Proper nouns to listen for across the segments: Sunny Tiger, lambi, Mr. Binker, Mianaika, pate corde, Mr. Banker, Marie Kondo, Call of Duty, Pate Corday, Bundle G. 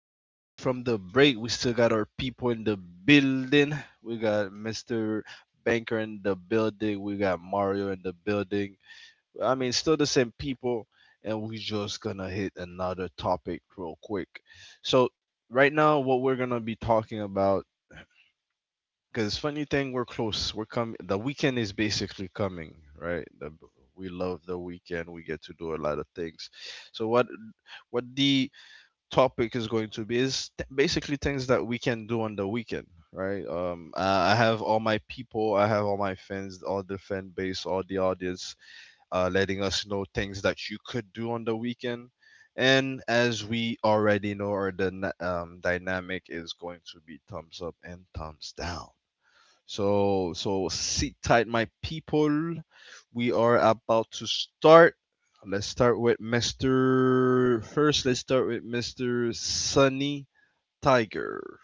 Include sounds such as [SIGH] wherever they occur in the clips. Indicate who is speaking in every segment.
Speaker 1: we back from the break. We still got our people in the building. We got Mr. Banker in the building. We got Mario in the building. I mean, still the same people. And we just gonna hit another topic real quick. So right now, what we're gonna be talking about, because funny thing, we're close. We're coming. The weekend is basically coming, right? We love the weekend. We get to do a lot of things. So what the topic is going to be is basically things that we can do on the weekend, right? I have all my people, I have all my fans, all the fan base, all the audience, letting us know things that you could do on the weekend. And as we already know, our dynamic is going to be thumbs up and thumbs down. So sit tight, my people. We are about to start. Let's start with Mr. Sunny Tiger.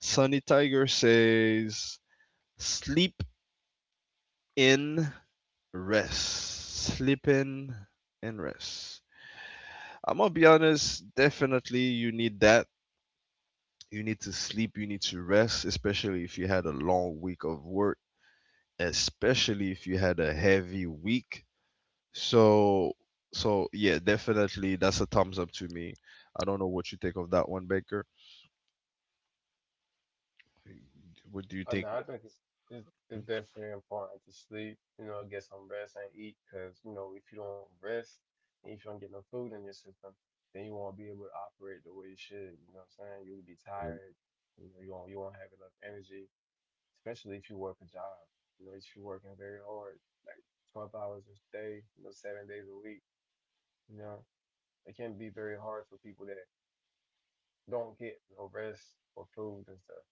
Speaker 1: Sunny Tiger says, sleep in, rest. Sleep in and rest. I'm going to be honest, definitely you need that. You need to sleep, you need to rest, especially if you had a long week of work, especially if you had a heavy week. So so yeah, definitely that's a thumbs up to me. I don't know what you think of that one, Baker. What do you
Speaker 2: Oh, no,
Speaker 1: think?
Speaker 2: I think it's definitely important to sleep, get some rest and eat, because, if you don't rest and if you don't get no food in your system, then you won't be able to operate the way you should. You know what I'm saying? You'll be
Speaker 1: Mhm.
Speaker 2: tired. You won't have enough energy, especially if you work a job. If you're working very hard, like 12 hours a day, 7 days a week. You know, it can be very hard for people that don't get no rest or food and stuff.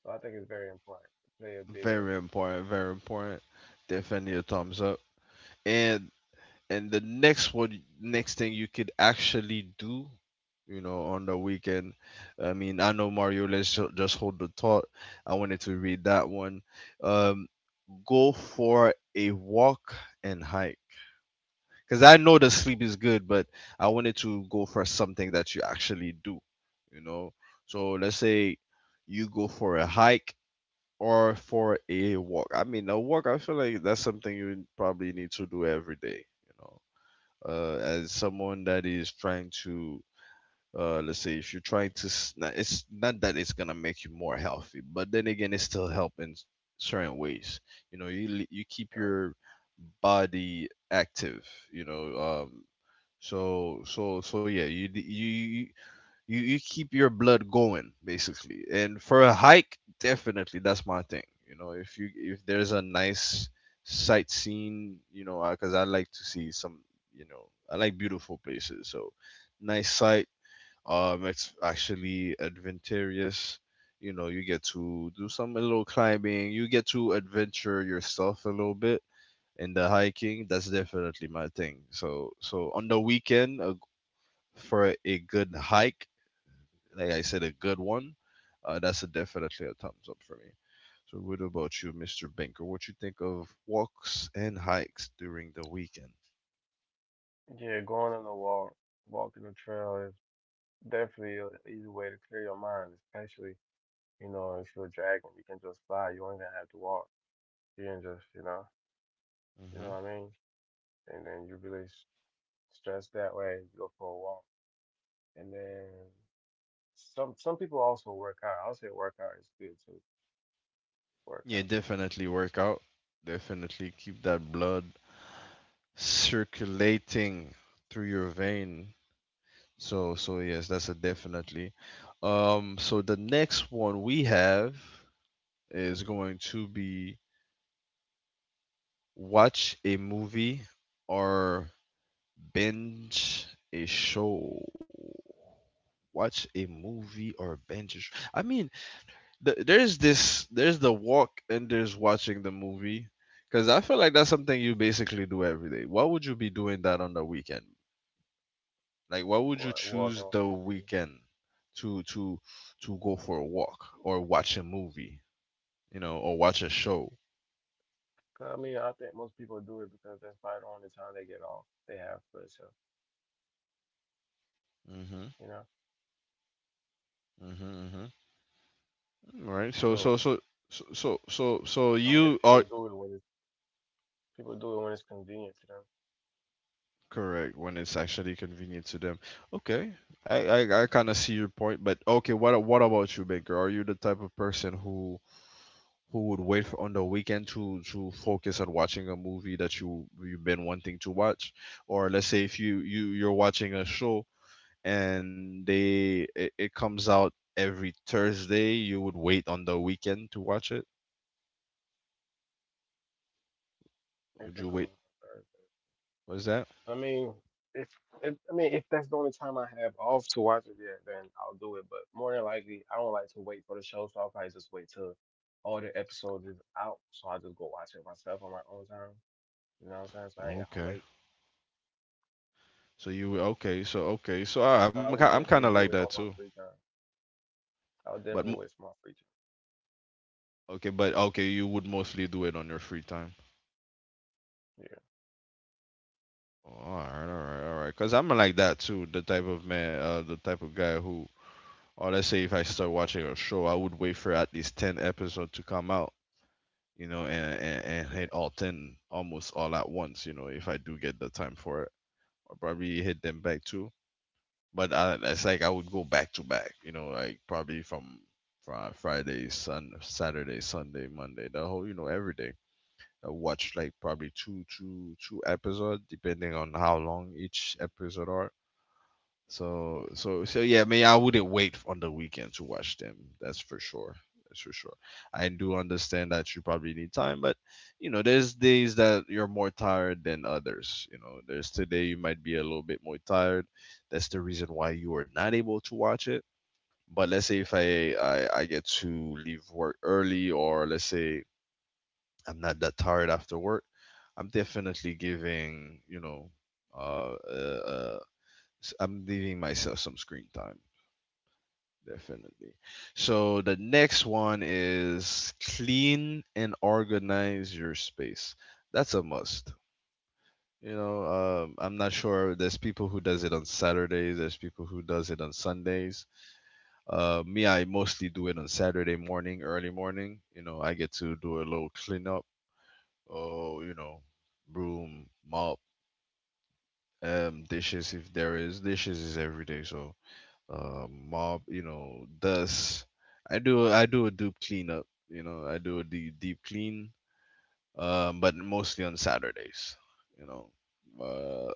Speaker 2: So I think it's very important to play a big role.
Speaker 1: Very important, very important. Definitely a thumbs up. And and the next one, next thing you could actually do, you know, on the weekend. I mean, I know Mario. Just hold the thought. I wanted to read that one. Um, Go for a walk and hike. Because I know the sleep is good, but I wanted to go for something that you actually do, you know. So let's say you go for a hike or for a walk. I mean, a walk, I feel like that's something you probably need to do every day, you know. As someone that is trying to, let's say, if you're trying to, it's not that it's gonna make you more healthy, but then again, it's still helping certain ways. You know, you keep
Speaker 2: All right.
Speaker 1: your body active, you know, so yeah, you d- you keep your blood going basically. And for a hike, definitely that's my thing. You know, if you, if there's a nice sightseeing, you know, because I like to see some, you know, I like beautiful places. So nice sight. It's actually adventurous. You know, you get to do some little climbing. You get to adventure yourself a little bit in the hiking. That's definitely my thing. So on the weekend, a for a good hike, like I said, a good one, that's a definitely a thumbs up for me. So, what about you, Mr. Binker? What you think of walks and hikes during the weekend?
Speaker 2: Yeah, going on a walk, walking the trail is definitely an easy way to clear your mind, especially, if you're a dragon, you can just fly. You don't even have to walk. You can just, you know
Speaker 1: Hmm.
Speaker 2: what I mean? And then you release stress that way, you go for a walk. And then some people also work out. I'll say work out is good too. Work
Speaker 1: Yeah,
Speaker 2: out,
Speaker 1: definitely work out. Definitely keep that blood circulating through your vein. So yes, that's a definitely. So the next one we have is going to be watch a movie or binge a show. Watch a movie or binge a sh- I mean th- there's this there's the walk and there's watching the movie, because I feel like that's something you basically do every day. Why would you be doing that on the weekend? Like, why would you
Speaker 2: what walking
Speaker 1: choose
Speaker 2: what
Speaker 1: the
Speaker 2: they do.
Speaker 1: weekend to go for a walk or watch a movie, you know, or watch a show?
Speaker 2: 'Cause, I mean, I think most people do it because that's probably the only time they get off. They have for themselves,
Speaker 1: Mm-hmm,
Speaker 2: you know?
Speaker 1: mm-hmm, mm-hmm. Right. so
Speaker 2: So
Speaker 1: so so so so so so
Speaker 2: so I guess
Speaker 1: you
Speaker 2: people
Speaker 1: are
Speaker 2: do it when it's people do it when it's convenient to them.
Speaker 1: correct, when it's actually convenient to them. Okay, I kind of see your point, but okay, what about you, Baker? Are you the type of person who would wait for, on the weekend, to focus on watching a movie that you've been wanting to watch, or let's say if you're watching a show and it comes out every Thursday, you would wait on the weekend to watch it?
Speaker 2: If
Speaker 1: Would
Speaker 2: they
Speaker 1: you
Speaker 2: come out
Speaker 1: wait?
Speaker 2: on Thursday.
Speaker 1: What's that?
Speaker 2: I mean, if, if I mean if that's the only time I have off to watch it, yeah, then I'll do it. But more than likely, I don't like to wait for the show, so I'll probably just wait till all the episodes is out. So I just go watch it myself on my own time. You know what I'm saying? So I ain't gotta
Speaker 1: Okay,
Speaker 2: wait.
Speaker 1: so you okay? So okay, so
Speaker 2: So I would
Speaker 1: I'm kind of
Speaker 2: definitely
Speaker 1: like
Speaker 2: do it
Speaker 1: that
Speaker 2: on my
Speaker 1: too.
Speaker 2: free time. I would
Speaker 1: But
Speaker 2: definitely wait for my free
Speaker 1: okay, but okay, you would mostly do it on your free time.
Speaker 2: time. Yeah,
Speaker 1: Oh, all right, all right, all right. Cause I'm like that too. The type of man, the type of guy who, or let's say if I start watching a show, I would wait for at least ten episodes to come out, you know, and
Speaker 2: yeah,
Speaker 1: hit all ten almost all at once, you know, if I do get the time for it, or probably hit them back too. But I, it's like I would go back to back, you know, like probably from Friday, Saturday, Sunday, Monday, the whole, you know, every day. I watch like probably two episodes, depending on how long each episode are. So yeah, I mean, I wouldn't wait on the weekend to watch them. That's for sure. That's for sure. I do understand that you probably need time, but you know, there's days that you're more tired than others. You know, there's today you might be a little bit more tired. That's the reason why you are not able to watch it. But let's say if I get to leave work early, or let's say I'm not that tired after work. I'm definitely giving, you know, uh, uh, uh, I'm leaving myself some screen time, definitely. So the next one is clean and organize your space. That's a must. You know, I'm not sure. There's people who does it on Saturdays. There's people who does it on Sundays. Me, I mostly do it on Saturday morning, early morning. You know, I get to do a little cleanup or, you know, broom, mop, dishes if there is. Dishes is every day, so mop, you know, dust. I do a deep cleanup. You know, I do a deep clean, but mostly on Saturdays. You know, uh,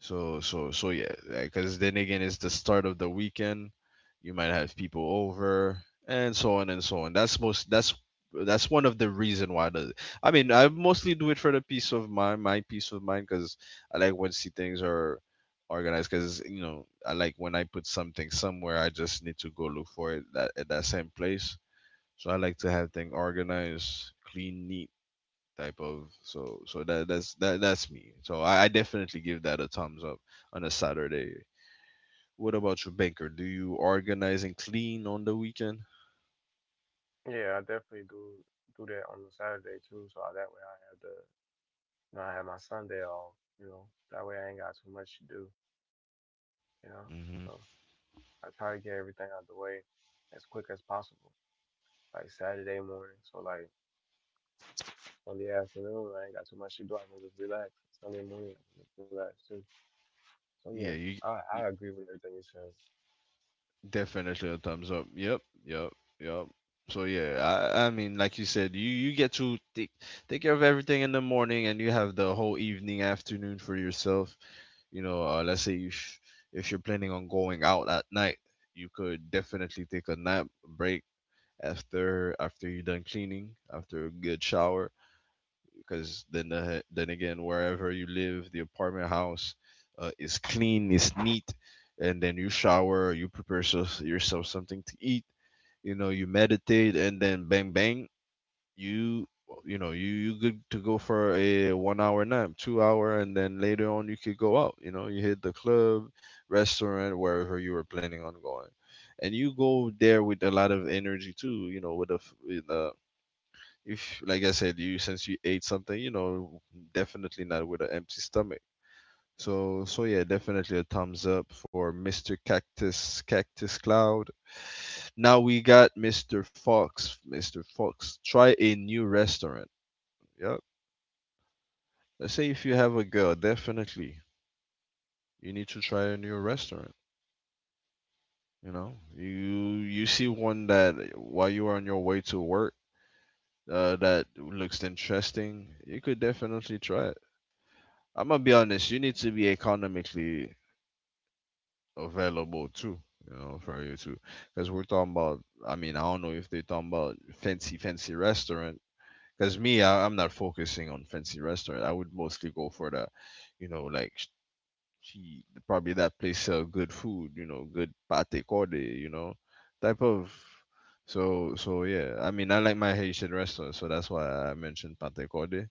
Speaker 1: so yeah, because then again, it's the start of the weekend. You might have people over, and so on and so on. That's most that's one of the reason why the I mean I mostly do it for the peace of mind, my peace of mind, because I like when see things are organized. Because you know I like when I put something somewhere, I just need to go look for it that at that same place. So I like to have things organized, clean, neat type of. That's that's me. I definitely give that a thumbs up on a Saturday. What about you, Banker? Do you organize and clean on the weekend?
Speaker 2: yeah. I definitely do that on the Saturday too. So that way I have I have my Sunday off. You know, that way I ain't got too much to do. you know.
Speaker 1: Hmm.
Speaker 2: So I try to get everything out the way as quick as possible. Like Saturday morning, so like Sunday afternoon, I ain't got too much to do. I can just relax. Sunday morning, I can just relax too. So
Speaker 1: Yeah,
Speaker 2: yeah,
Speaker 1: you,
Speaker 2: I
Speaker 1: you
Speaker 2: I agree with everything you said.
Speaker 1: definitely a thumbs up. Yep, yep, yep. So yeah, I mean, like you said, you get to take care of everything in the morning, and you have the whole evening, afternoon, for yourself, you know. Let's say you if you're planning on going out at night, you could definitely take a nap break after you're done cleaning, after a good shower, because then the, then again wherever you live, the apartment house is clean, is neat, and then you shower, you prepare yourself something to eat, you know, you meditate, and then bang, bang, you you good to go for a 1 hour nap, 2 hour, and then later on you could go out, you know, you hit the club, restaurant, wherever you were planning on going, and you go there with a lot of energy too, you know, with a with a, if like I said, you since you ate something, you know, definitely not with an empty stomach. Yeah, definitely a thumbs up for Mr. Cactus, Cactus Cloud. Now we got Mr. Fox. Mr. Fox, try a new restaurant. Yep, let's say if you have a girl, definitely you need to try a new restaurant. You know, you see one that while you are on your way to work, that looks interesting. You could definitely try it. I'm gonna be honest. You need to be economically available too. You know, for you too, because we're talking about. I mean, I don't know if they're talking about fancy restaurant. Because me, I'm not focusing on fancy restaurant. I would mostly go for the, you know, like she probably that place sell good food, you know, good pate corde, you know, type of. So yeah, I mean I like my Haitian restaurant, so that's why I mentioned pate corde.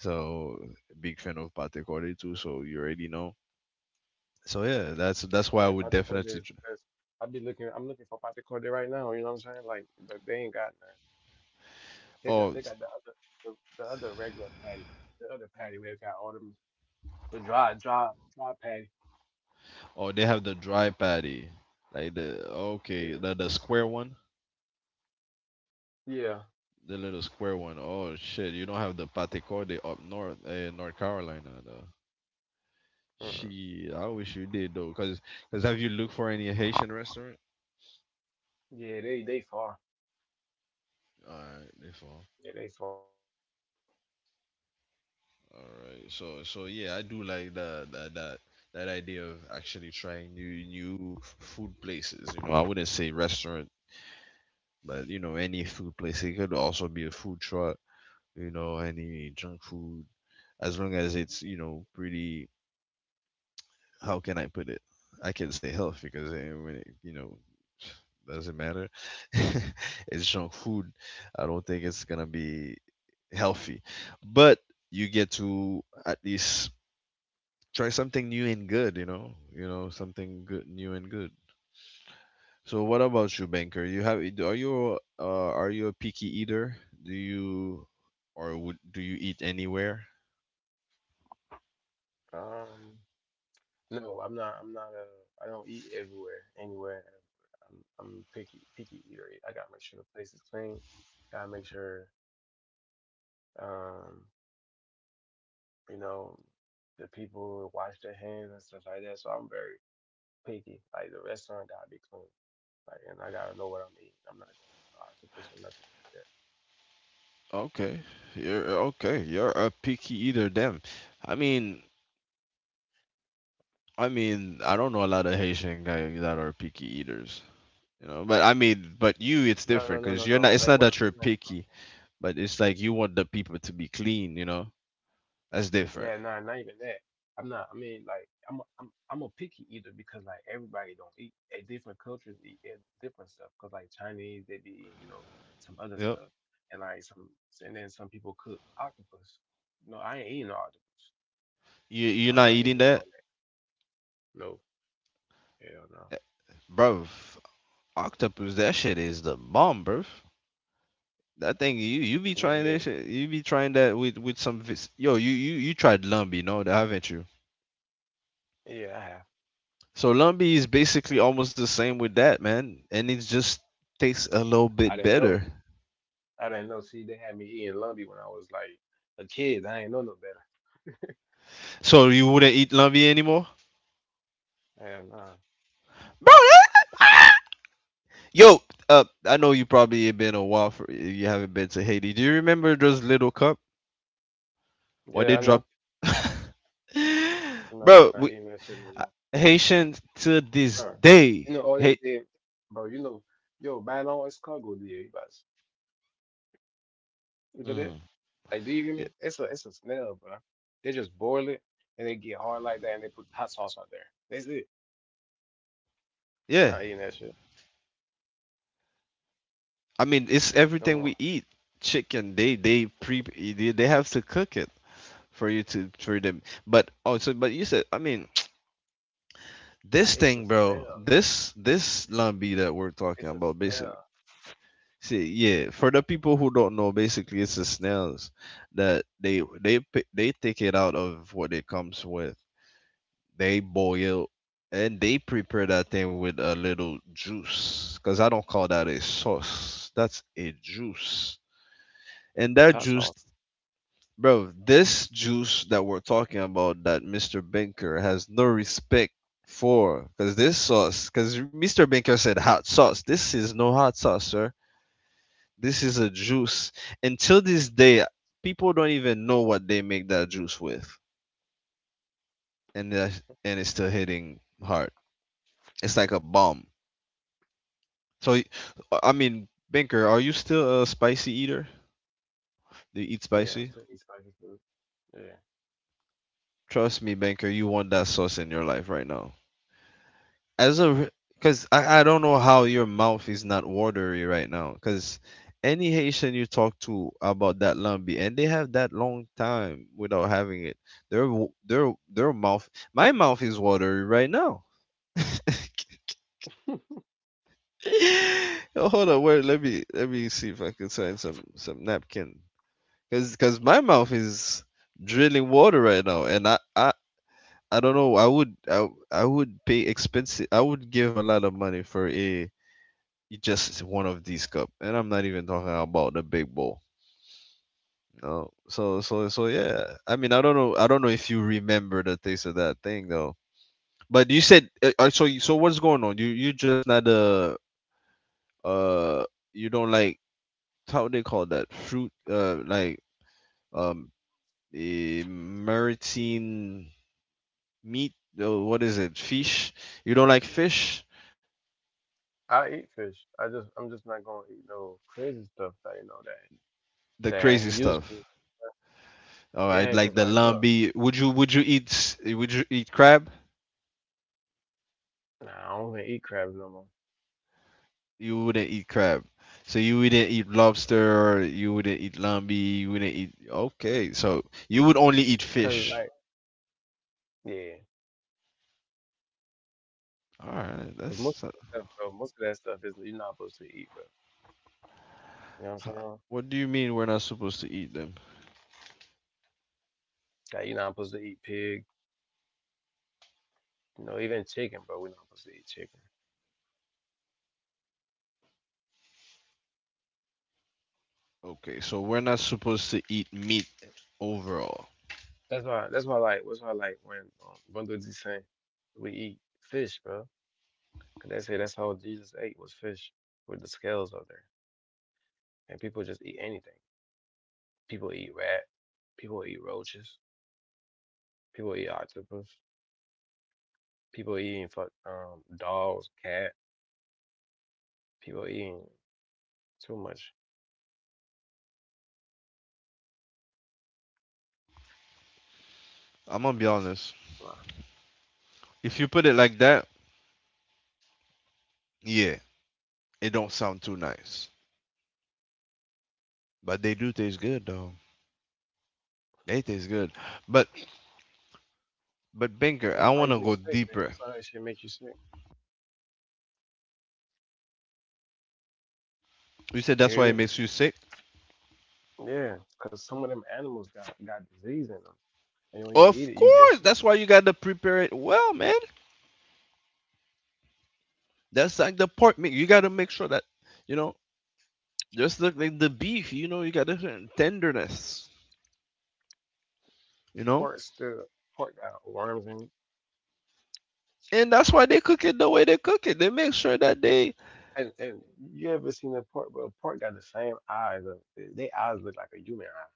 Speaker 1: So big fan of pate corde too. So you already know. So yeah, that's
Speaker 2: I
Speaker 1: why I
Speaker 2: mean, if
Speaker 1: would
Speaker 2: I could call
Speaker 1: definitely.
Speaker 2: the
Speaker 1: Try.
Speaker 2: best, I'd be looking. I'm looking for Pate Corday right now. You know what I'm saying? Like, but they ain't got none. They
Speaker 1: Oh
Speaker 2: got they got the other regular patty, the other patty where they got all them the dry dry dry patty.
Speaker 1: oh, they have the dry patty, like the
Speaker 2: Yeah,
Speaker 1: okay the the square one.
Speaker 2: yeah,
Speaker 1: The little square one. Oh shit! You don't have the pate corde up north, North Carolina though.
Speaker 2: mm-mm.
Speaker 1: She, I wish you did though, cause have you looked for any Haitian restaurant?
Speaker 2: Yeah, they far.
Speaker 1: All right, they fall.
Speaker 2: Yeah, they far.
Speaker 1: All right, so yeah, I do like that idea of actually trying new food places. You know, I wouldn't say restaurant, but you know, any food place. It could also be a food truck. You know, any junk food, as long as it's you know pretty how can I put it? I can say health because when it, you know doesn't matter. [LAUGHS] It's junk food. I don't think it's gonna be healthy, but you get to at least try something new and good. You know something good, new and good. So what about you, banker? You have are you a picky eater? Do you or would do you eat anywhere?
Speaker 2: Um, no, I'm not. I'm not a. I don't eat everywhere, anywhere. I'm picky picky eater. I gotta make sure the place is clean. Gotta make sure um you know the people wash their hands and stuff like that. So I'm very picky. Like the restaurant gotta be clean. Like and I gotta know what I'm eating. I'm not going to eat octopus or nothing like that.
Speaker 1: Okay, you're okay. You're a picky eater, then. I mean, I mean, I don't know a lot of Haitian guys that are picky eaters, you know. But I mean, but you, it's
Speaker 2: No, no,
Speaker 1: different
Speaker 2: no,
Speaker 1: because
Speaker 2: no,
Speaker 1: you're not.
Speaker 2: no.
Speaker 1: It's
Speaker 2: Like
Speaker 1: not
Speaker 2: what
Speaker 1: that you're
Speaker 2: I'm saying.
Speaker 1: picky, but it's like you want the people to be clean, you know. That's different.
Speaker 2: Yeah, nah, not even that. I'm not. I mean, like, I'm a picky eater because like everybody don't eat. At different cultures eat at different stuff. Cause like Chinese, they be eating, some other
Speaker 1: Yep.
Speaker 2: stuff, and like some and then some people cook octopus. No, I ain't eating no octopus.
Speaker 1: You're
Speaker 2: No,
Speaker 1: not
Speaker 2: I ain't
Speaker 1: eating
Speaker 2: doing
Speaker 1: that,
Speaker 2: all that. No, hell no.
Speaker 1: bro. Octopus, that shit is the bomb, bro. That thing, you be
Speaker 2: Yeah,
Speaker 1: trying that
Speaker 2: yeah,
Speaker 1: shit. You be trying that with some yo. You tried lumbi, no, haven't you?
Speaker 2: yeah. I have.
Speaker 1: So lumbi is basically almost the same with that, man, and it just tastes a little
Speaker 2: I
Speaker 1: bit
Speaker 2: didn't know.
Speaker 1: better.
Speaker 2: I didn't know. See, they had me eating lumpy when I was like a kid. I ain't know no better.
Speaker 1: So you wouldn't eat lumbi anymore,
Speaker 2: Hell nah.
Speaker 1: bro? [LAUGHS] Yo, I know you probably been a while for you haven't been to Haiti. Do you remember those little cup? Why
Speaker 2: Yeah,
Speaker 1: they
Speaker 2: I know.
Speaker 1: drop,
Speaker 2: I'm
Speaker 1: [LAUGHS]
Speaker 2: not
Speaker 1: bro?
Speaker 2: eating
Speaker 1: We
Speaker 2: that shit no more.
Speaker 1: uh, Haitians to
Speaker 2: Bro,
Speaker 1: this
Speaker 2: you know
Speaker 1: day.
Speaker 2: all they
Speaker 1: Hey,
Speaker 2: did, bro. Yo, buy long is cargo there, you guys. You know that?
Speaker 1: mhm.
Speaker 2: Like, do you hear
Speaker 1: Y-
Speaker 2: me? It's a snail, bro. They just boil it and they get hard like that, and they put hot sauce on there. That's it. You're
Speaker 1: yeah.
Speaker 2: not eating that shit
Speaker 1: I mean, it's
Speaker 2: no
Speaker 1: everything
Speaker 2: more.
Speaker 1: we eat. Chicken, they have to cook it for you to for them. But oh, so but you said I mean [TSK] this
Speaker 2: Ah, it's
Speaker 1: thing,
Speaker 2: a
Speaker 1: bro.
Speaker 2: snail.
Speaker 1: This lambi that we're talking
Speaker 2: It's a
Speaker 1: about, basic.
Speaker 2: snail.
Speaker 1: See, yeah, for the people who don't know, basically it's the snails that they they take it out of what it comes with. They boil and they prepare that thing with a little juice because I don't call that a sauce. That's a juice. And that
Speaker 2: It's hot
Speaker 1: juice,
Speaker 2: sauce.
Speaker 1: bro, this juice that we're talking about that Mr. Binker has no respect for because this sauce, because Mr. Binker said hot sauce. This is no hot sauce, sir. This is a juice. Until this day, people don't even know what they make that juice with, and it's still hitting hard. It's like a bomb. So, I mean, Banker, are you still a spicy eater? Do you eat
Speaker 2: Yeah, I
Speaker 1: spicy?
Speaker 2: still eat spicy food. Yeah,
Speaker 1: Trust me, Banker, you want that sauce in your life right now. As a because I don't know how your mouth is not watery right now because any Haitian you talk to about that lambi and they have that long time without having it their their mouth my mouth is watery right now. [LAUGHS] Oh, hold on wait let me see if I can find some napkin because my mouth is drilling water right now and I don't know. I would pay expensive. I would give a lot of money for a you just one of these cup, and I'm not even talking about the big bowl. You know? So yeah. I mean, I don't know. I don't know if you remember the taste of that thing though. But you said so. So what's going on? You just not uh you don't like how they call that fruit like um maritime meat. What is it? Fish. You don't like fish.
Speaker 2: I eat fish. I'm just not gonna eat no crazy stuff that
Speaker 1: The
Speaker 2: I
Speaker 1: crazy
Speaker 2: ain't used
Speaker 1: stuff.
Speaker 2: to.
Speaker 1: All right,
Speaker 2: Yeah,
Speaker 1: like
Speaker 2: cause
Speaker 1: the
Speaker 2: like, bro,
Speaker 1: lambi. Would you eat would you eat crab?
Speaker 2: nah, I don't even eat crabs no more.
Speaker 1: You wouldn't eat crab. So you wouldn't eat lobster, you wouldn't eat lambi, you wouldn't eat okay. So you would only eat
Speaker 2: Cause
Speaker 1: fish.
Speaker 2: like, yeah.
Speaker 1: All right,
Speaker 2: Cause
Speaker 1: that's
Speaker 2: most of that stuff, bro, most of that stuff is you're not supposed to eat, bro. You know what I'm
Speaker 1: ho-
Speaker 2: saying?
Speaker 1: what do you mean we're not supposed to eat them?
Speaker 2: Like you're not supposed to eat pig. Even chicken, bro. We're not supposed to eat chicken.
Speaker 1: Okay, so we're not supposed to eat meat overall.
Speaker 2: That's why. That's why. Like, that's why. Like when Bundle G saying we eat fish, bro. Cause they say that's how Jesus ate was fish with the scales up there. And people just eat anything. People eat rat. People eat roaches. People eat octopus. People eating fuck dogs, cat. People eating too much.
Speaker 1: I'm gonna be honest.
Speaker 2: Wow.
Speaker 1: If you put it like that, yeah, it don't sound too nice. But they do taste good though. They taste good. But but Binker, I
Speaker 2: That's how you
Speaker 1: wanna
Speaker 2: get
Speaker 1: go
Speaker 2: sick, man.
Speaker 1: deeper.
Speaker 2: That's how that shit make you sick.
Speaker 1: You said
Speaker 2: You
Speaker 1: that's
Speaker 2: hear
Speaker 1: why it
Speaker 2: me?
Speaker 1: makes you sick?
Speaker 2: Yeah, because some of them animals got disease in them, and when you eat
Speaker 1: Of
Speaker 2: it, you get
Speaker 1: course,
Speaker 2: shit.
Speaker 1: that's why you gotta prepare it well, man. That's like the pork meat. You gotta make sure that you know, just look like the beef. You know, you got different tenderness. You know,
Speaker 2: Pork still, pork got worms in it.
Speaker 1: and that's why they cook it the way they cook it. They make sure that they.
Speaker 2: And you ever seen a pork? Well, pork got the same eyes. Of, they eyes look like a human eye.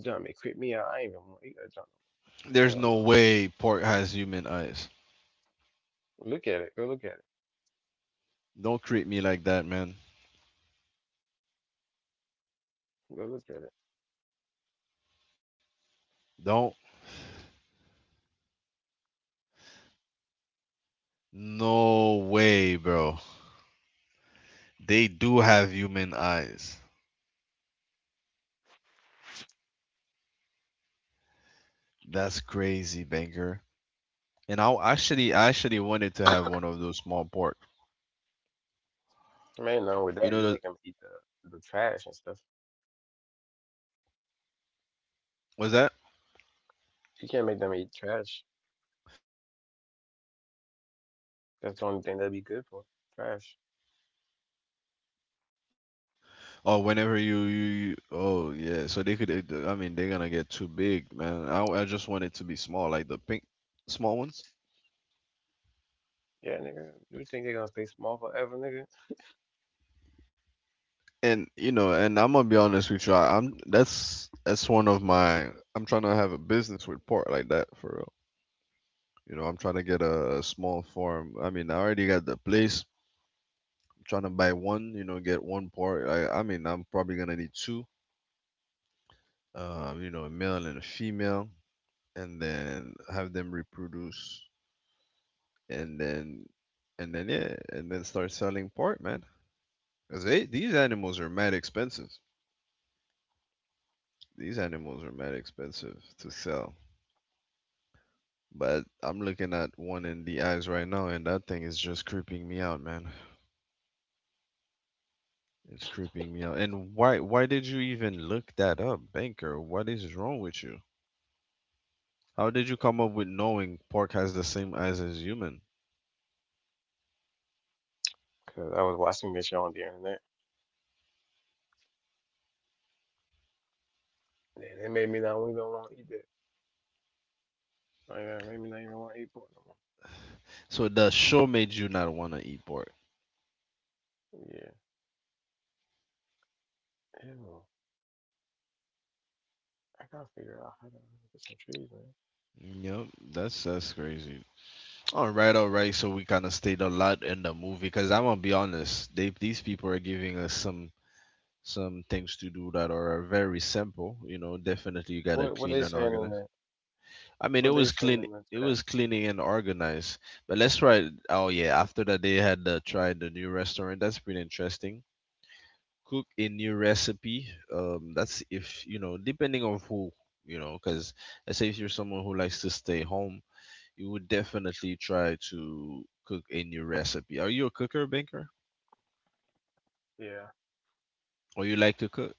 Speaker 2: Jump it creep me out. I ain't even want to eat that junk no
Speaker 1: There's
Speaker 2: more. Hell
Speaker 1: no
Speaker 2: no.
Speaker 1: way pork has human eyes.
Speaker 2: Look at it. Go look at it.
Speaker 1: Don't treat me like that, man.
Speaker 2: Go look at it.
Speaker 1: Don't. No way, bro. They do have human eyes. That's crazy, banker. And I actually wanted to have one of those small pork.
Speaker 2: Man, no, with
Speaker 1: You
Speaker 2: that
Speaker 1: know,
Speaker 2: you
Speaker 1: the,
Speaker 2: make them eat the trash and stuff.
Speaker 1: was that?
Speaker 2: You can't make them
Speaker 1: I mean,
Speaker 2: eat
Speaker 1: they pretty
Speaker 2: trash.
Speaker 1: smart though. They learn. They pretty smart. They smart animals.
Speaker 2: That's the only thing that'd be good for trash.
Speaker 1: Oh, whenever you oh yeah. So they could. I mean, they're gonna get too big, man. I just want it to be small, like the pink small ones.
Speaker 2: Yeah, nigga. You think they're gonna stay small forever, nigga?
Speaker 1: And you know, and I'm gonna be honest with you. I'm that's one of my. I'm trying to have a business with pork like that for real. You know, I'm trying to get a small farm. I mean, I already got the place. I'm trying to buy one. You know, get one pork. I mean, I'm probably gonna need two. You know, a male and a female and then have them reproduce and then and then yeah and then start selling part man because they these animals are mad expensive, these animals are mad expensive to sell but I'm looking at one in the eyes right now and that thing is just creeping me out man, it's creeping me out and why did you even look that up banker, what is wrong with you, how did you come up with knowing pork has the same eyes as human,
Speaker 2: Cause I was watching this shit on the internet. Yeah, that made me not even want to eat that. Like, that made me not even want to eat pork no
Speaker 1: so the show made you not want to eat pork.
Speaker 2: more. Yeah. Ew. I gotta figure out how to get some trees, man.
Speaker 1: Yep, that's crazy. All right. So we kind of stayed a lot in the movie because I'm gonna be honest, they these people are giving us some things to do that are very simple. You know, definitely you gotta
Speaker 2: What
Speaker 1: clean
Speaker 2: they
Speaker 1: and
Speaker 2: saying in
Speaker 1: organize.
Speaker 2: that?
Speaker 1: I mean, it
Speaker 2: What they
Speaker 1: was
Speaker 2: saying
Speaker 1: clean,
Speaker 2: in the
Speaker 1: it
Speaker 2: chat?
Speaker 1: was cleaning and organized. But let's try. Oh yeah, after that they had tried the new restaurant. That's pretty interesting. Cook a new recipe. That's if you know, depending on who you know, because let's say if you're someone who likes to stay home you would definitely try to cook a new recipe. Are you a cooker, Banker?
Speaker 2: Yeah.
Speaker 1: Or you like to cook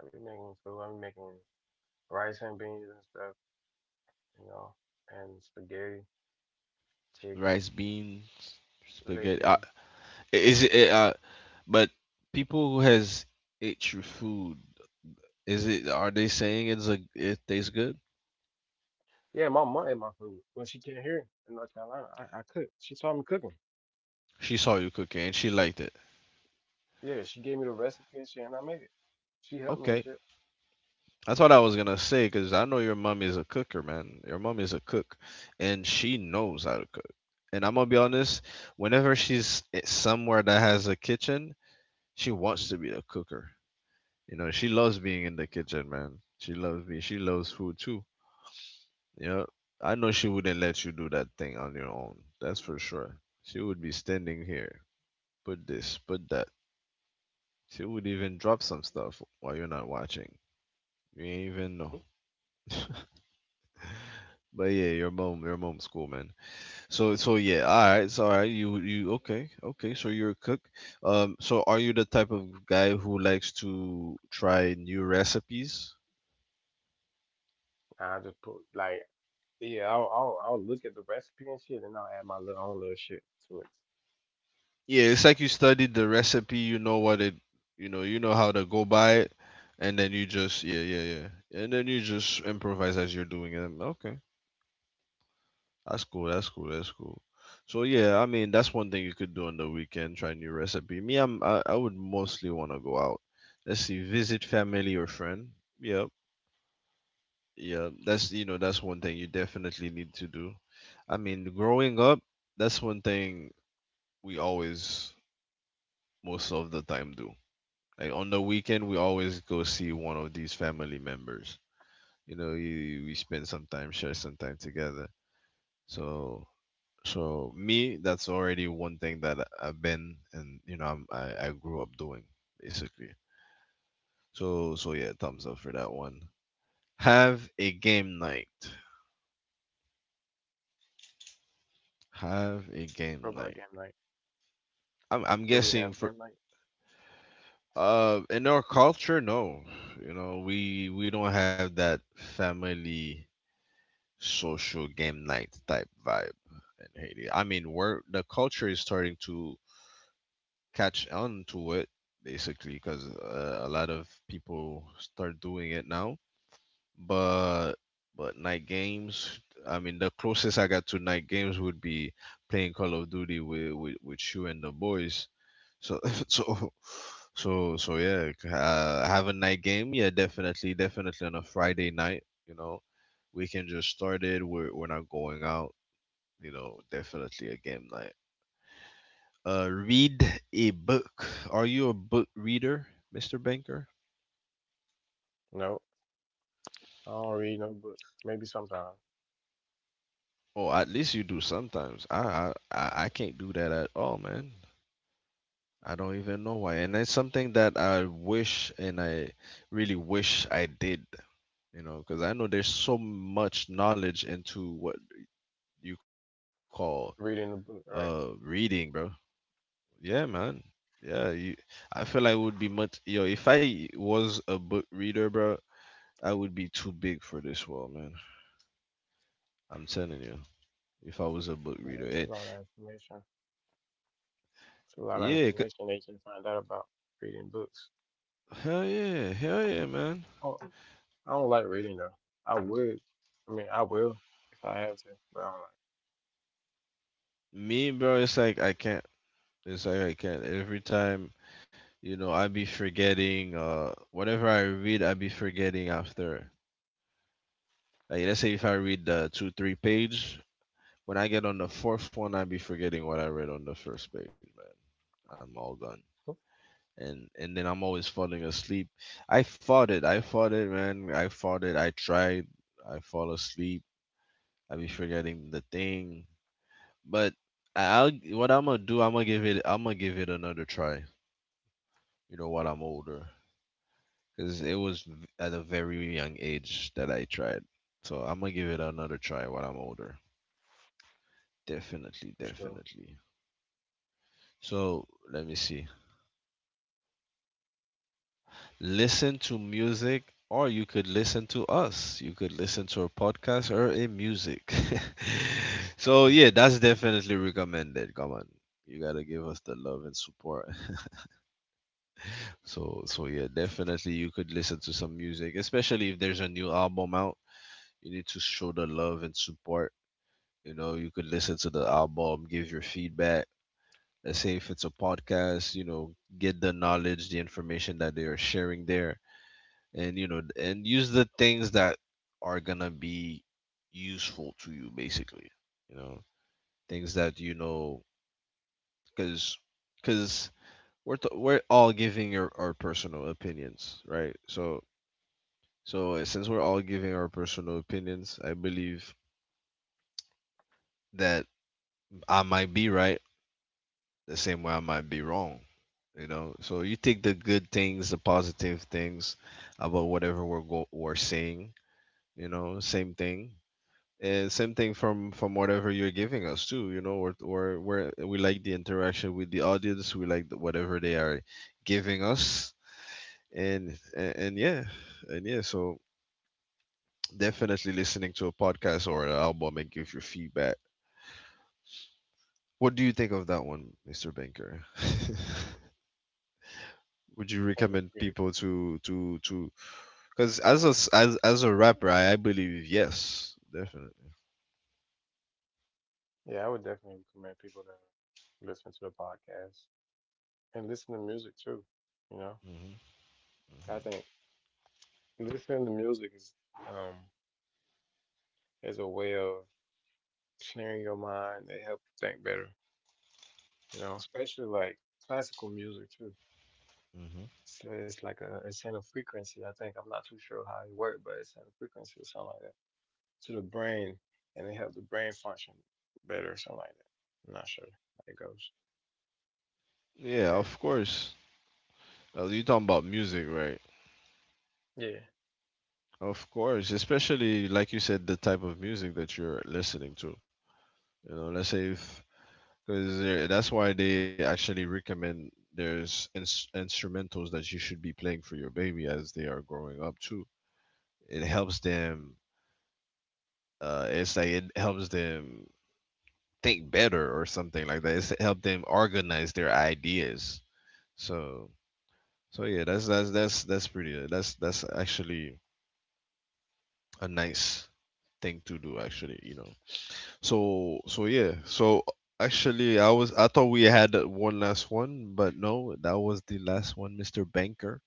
Speaker 2: I be making food. I be making rice and beans and stuff, you know, and spaghetti, chicken,
Speaker 1: rice, beans, spaghetti?
Speaker 2: legume.
Speaker 1: Is it uh? But people who has ate your food, is it? Are they saying it's a it tastes good?
Speaker 2: Yeah, my mom ate my food when she came here in North Carolina. I cooked. She taught me cooking.
Speaker 1: She saw you cooking and she
Speaker 2: So,
Speaker 1: liked it.
Speaker 2: yeah, she gave me the recipe and shit, and I made it. She helped me and
Speaker 1: Okay,
Speaker 2: shit.
Speaker 1: that's what I was gonna say because I know your mom is a cooker, man. Your mom is a cook, and she knows how to cook. And I'm gonna be honest, whenever she's somewhere that has a kitchen, she wants to be a cooker. You know, she loves being in the kitchen, man. She loves me. She loves food too. Yeah. I know she wouldn't let you do that thing on your own. That's for sure. She would be standing here. Put this, put that. She would even drop some stuff while you're not watching. You ain't even know. [LAUGHS] But yeah, your mom, your mom's cool, man. So, so yeah, all right, so all right, you, okay, okay. So you're a cook. So are you the type of guy who likes to try new recipes?
Speaker 2: I just put like yeah, I'll look at the recipe and shit, and I'll add my little own little shit to it.
Speaker 1: Yeah, it's like you studied the recipe, you know what it, you know how to go by it, and then you just, yeah, and then you just improvise as you're doing it. Okay, that's cool. So yeah, I mean, that's one thing you could do on the weekend, try new recipe. Me, I would mostly want to go out. Let's see, visit family or friend. Yep, yeah, that's you know, that's one thing you definitely need to do. I mean, growing up, that's one thing we always most of the time do. Like on the weekend, we always go see one of these family members. You know, we spend some time, share some time together. So, so me, that's already one thing that I've been and you know I grew up doing basically. So yeah, thumbs up for that one. Have a game night. Have a
Speaker 2: What
Speaker 1: game
Speaker 2: about game
Speaker 1: night.
Speaker 2: night?
Speaker 1: I'm
Speaker 2: Do we have
Speaker 1: guessing for
Speaker 2: game night?
Speaker 1: in our culture, no. You know, we don't have that family social game night type vibe in Haiti. I mean, we're the culture is starting to catch on to it basically because a lot of people start doing it now. But but night games. I mean, the closest I got to night games would be playing Call of Duty with with you and the boys. So [LAUGHS] so yeah, have a night game. Yeah, definitely, definitely on a Friday night. You know, we can just start it. We're not going out. You know, definitely a game night. Read a book. Are you a book reader, Mr. Banker?
Speaker 2: No, I don't read no books. Maybe sometime
Speaker 1: Oh, at least you do sometimes. I can't do that at all, man. I don't even know why. And it's something that I wish and I really wish I did, you know, because I know there's so much knowledge into what you call
Speaker 2: reading the book, right?
Speaker 1: reading, bro. Yeah, man. Yeah, you I feel I would be much yo, if I was a book reader, bro, I would be too big for this world, man. I'm telling you if I was a book
Speaker 2: Yeah,
Speaker 1: reader.
Speaker 2: it's a lot of information. It's a lot of
Speaker 1: Yeah, c-
Speaker 2: information they can find out about reading books.
Speaker 1: hell yeah, man.
Speaker 2: I don't, I don't like reading though. I would, I mean, I will if I have to, but I don't like
Speaker 1: Me, bro, it's like I can't. It's like I can't. Every time, you know, I be forgetting. Whenever I read, I be forgetting after. Like, let's say if I read the two, three page, when I get on the fourth one, I be forgetting what I read on the first page, man. I'm all done. And then I'm always falling asleep. I fought it. I fought it, man. I fought it. I tried. I fall asleep. I be forgetting the thing but I'll what I'm gonna do. I'm gonna give it. I'm gonna give it another try. You know, while I'm older, because it was at a very young age that I tried. So I'm gonna give it another try while I'm older. Definitely,
Speaker 2: for sure.
Speaker 1: definitely. So let me see. Listen to music, or you could listen to us. You could listen to a podcast or a music. [LAUGHS] So yeah,
Speaker 2: [LAUGHS] I
Speaker 1: that's definitely recommended. Come on, you gotta give us the love and support. So yeah, definitely you could listen to some music, especially if there's a new album out. You need to show the love and support. You know, you could listen to the album, give your feedback. Let's say if it's a podcast, you know, get the knowledge, the information that they are sharing there, and you know, and use the things that are gonna be useful to you, basically. You know, things that you know, because because we're all giving our personal opinions, right? So since we're all giving our personal opinions, I believe that I might be right the same way I might be wrong, you know? So you take the good things, the positive things about whatever we're saying, you know, same thing. And same thing from whatever you're giving us too, you know, or where we like the interaction with the audience, we like the, whatever they are giving us. And yeah, so definitely listening to a podcast or an album and give your feedback. What do you think of that one, Mr. Banker? [LAUGHS] Would you
Speaker 2: think it's
Speaker 1: recommend
Speaker 2: pretty
Speaker 1: people
Speaker 2: cool.
Speaker 1: to? Because as a rapper, I believe yes, definitely.
Speaker 2: Yeah, I would definitely recommend people to listen to the podcast and listen to music too. You know,
Speaker 1: Hmm,
Speaker 2: I think listening to music um is a way of clearing your mind. They help you think better, especially like classical music too.
Speaker 1: hmm.
Speaker 2: So it's like a it's in a frequency. I think I'm not too sure how it works, but it's in a frequency or something like that to the brain, and it help the brain function better or something like that. I'm not sure how it goes,
Speaker 1: Yeah,
Speaker 2: but it's
Speaker 1: of
Speaker 2: something like
Speaker 1: course. You talking about music, right?
Speaker 2: that. Yeah,
Speaker 1: Of course, especially like you said, the type of music that you're listening to. You know, let's say if because that's why they actually recommend there's instrumentals that you should be playing for your baby as they are growing up too. It helps them it's like it helps them think better or something like that. It's help them organize their ideas. So so yeah, that's pretty. That's actually a nice thing to do. Actually, you know. So yeah. So actually, I thought we had one last one, but no, that was the last one, Mister Banker.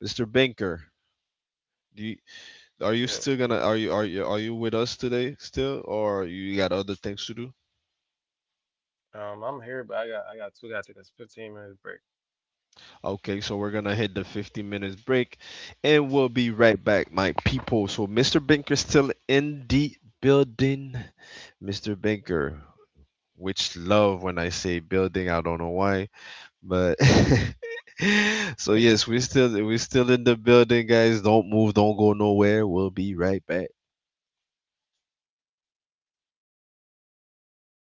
Speaker 1: Mister Banker. Do you, are you
Speaker 2: yeah.
Speaker 1: still gonna are you with us today still or you got other things to do?
Speaker 2: I'm here, but I got two guys to take a 15 minutes break.
Speaker 1: Okay, so we're gonna hit the 15 minutes break and we'll be right back, my people. So Mr. Banker still in the building. Mr. Banker, which love when I say building, I don't know why, but [LAUGHS] so yes, we're still in the building, guys. Don't move, don't go nowhere. We'll be right back.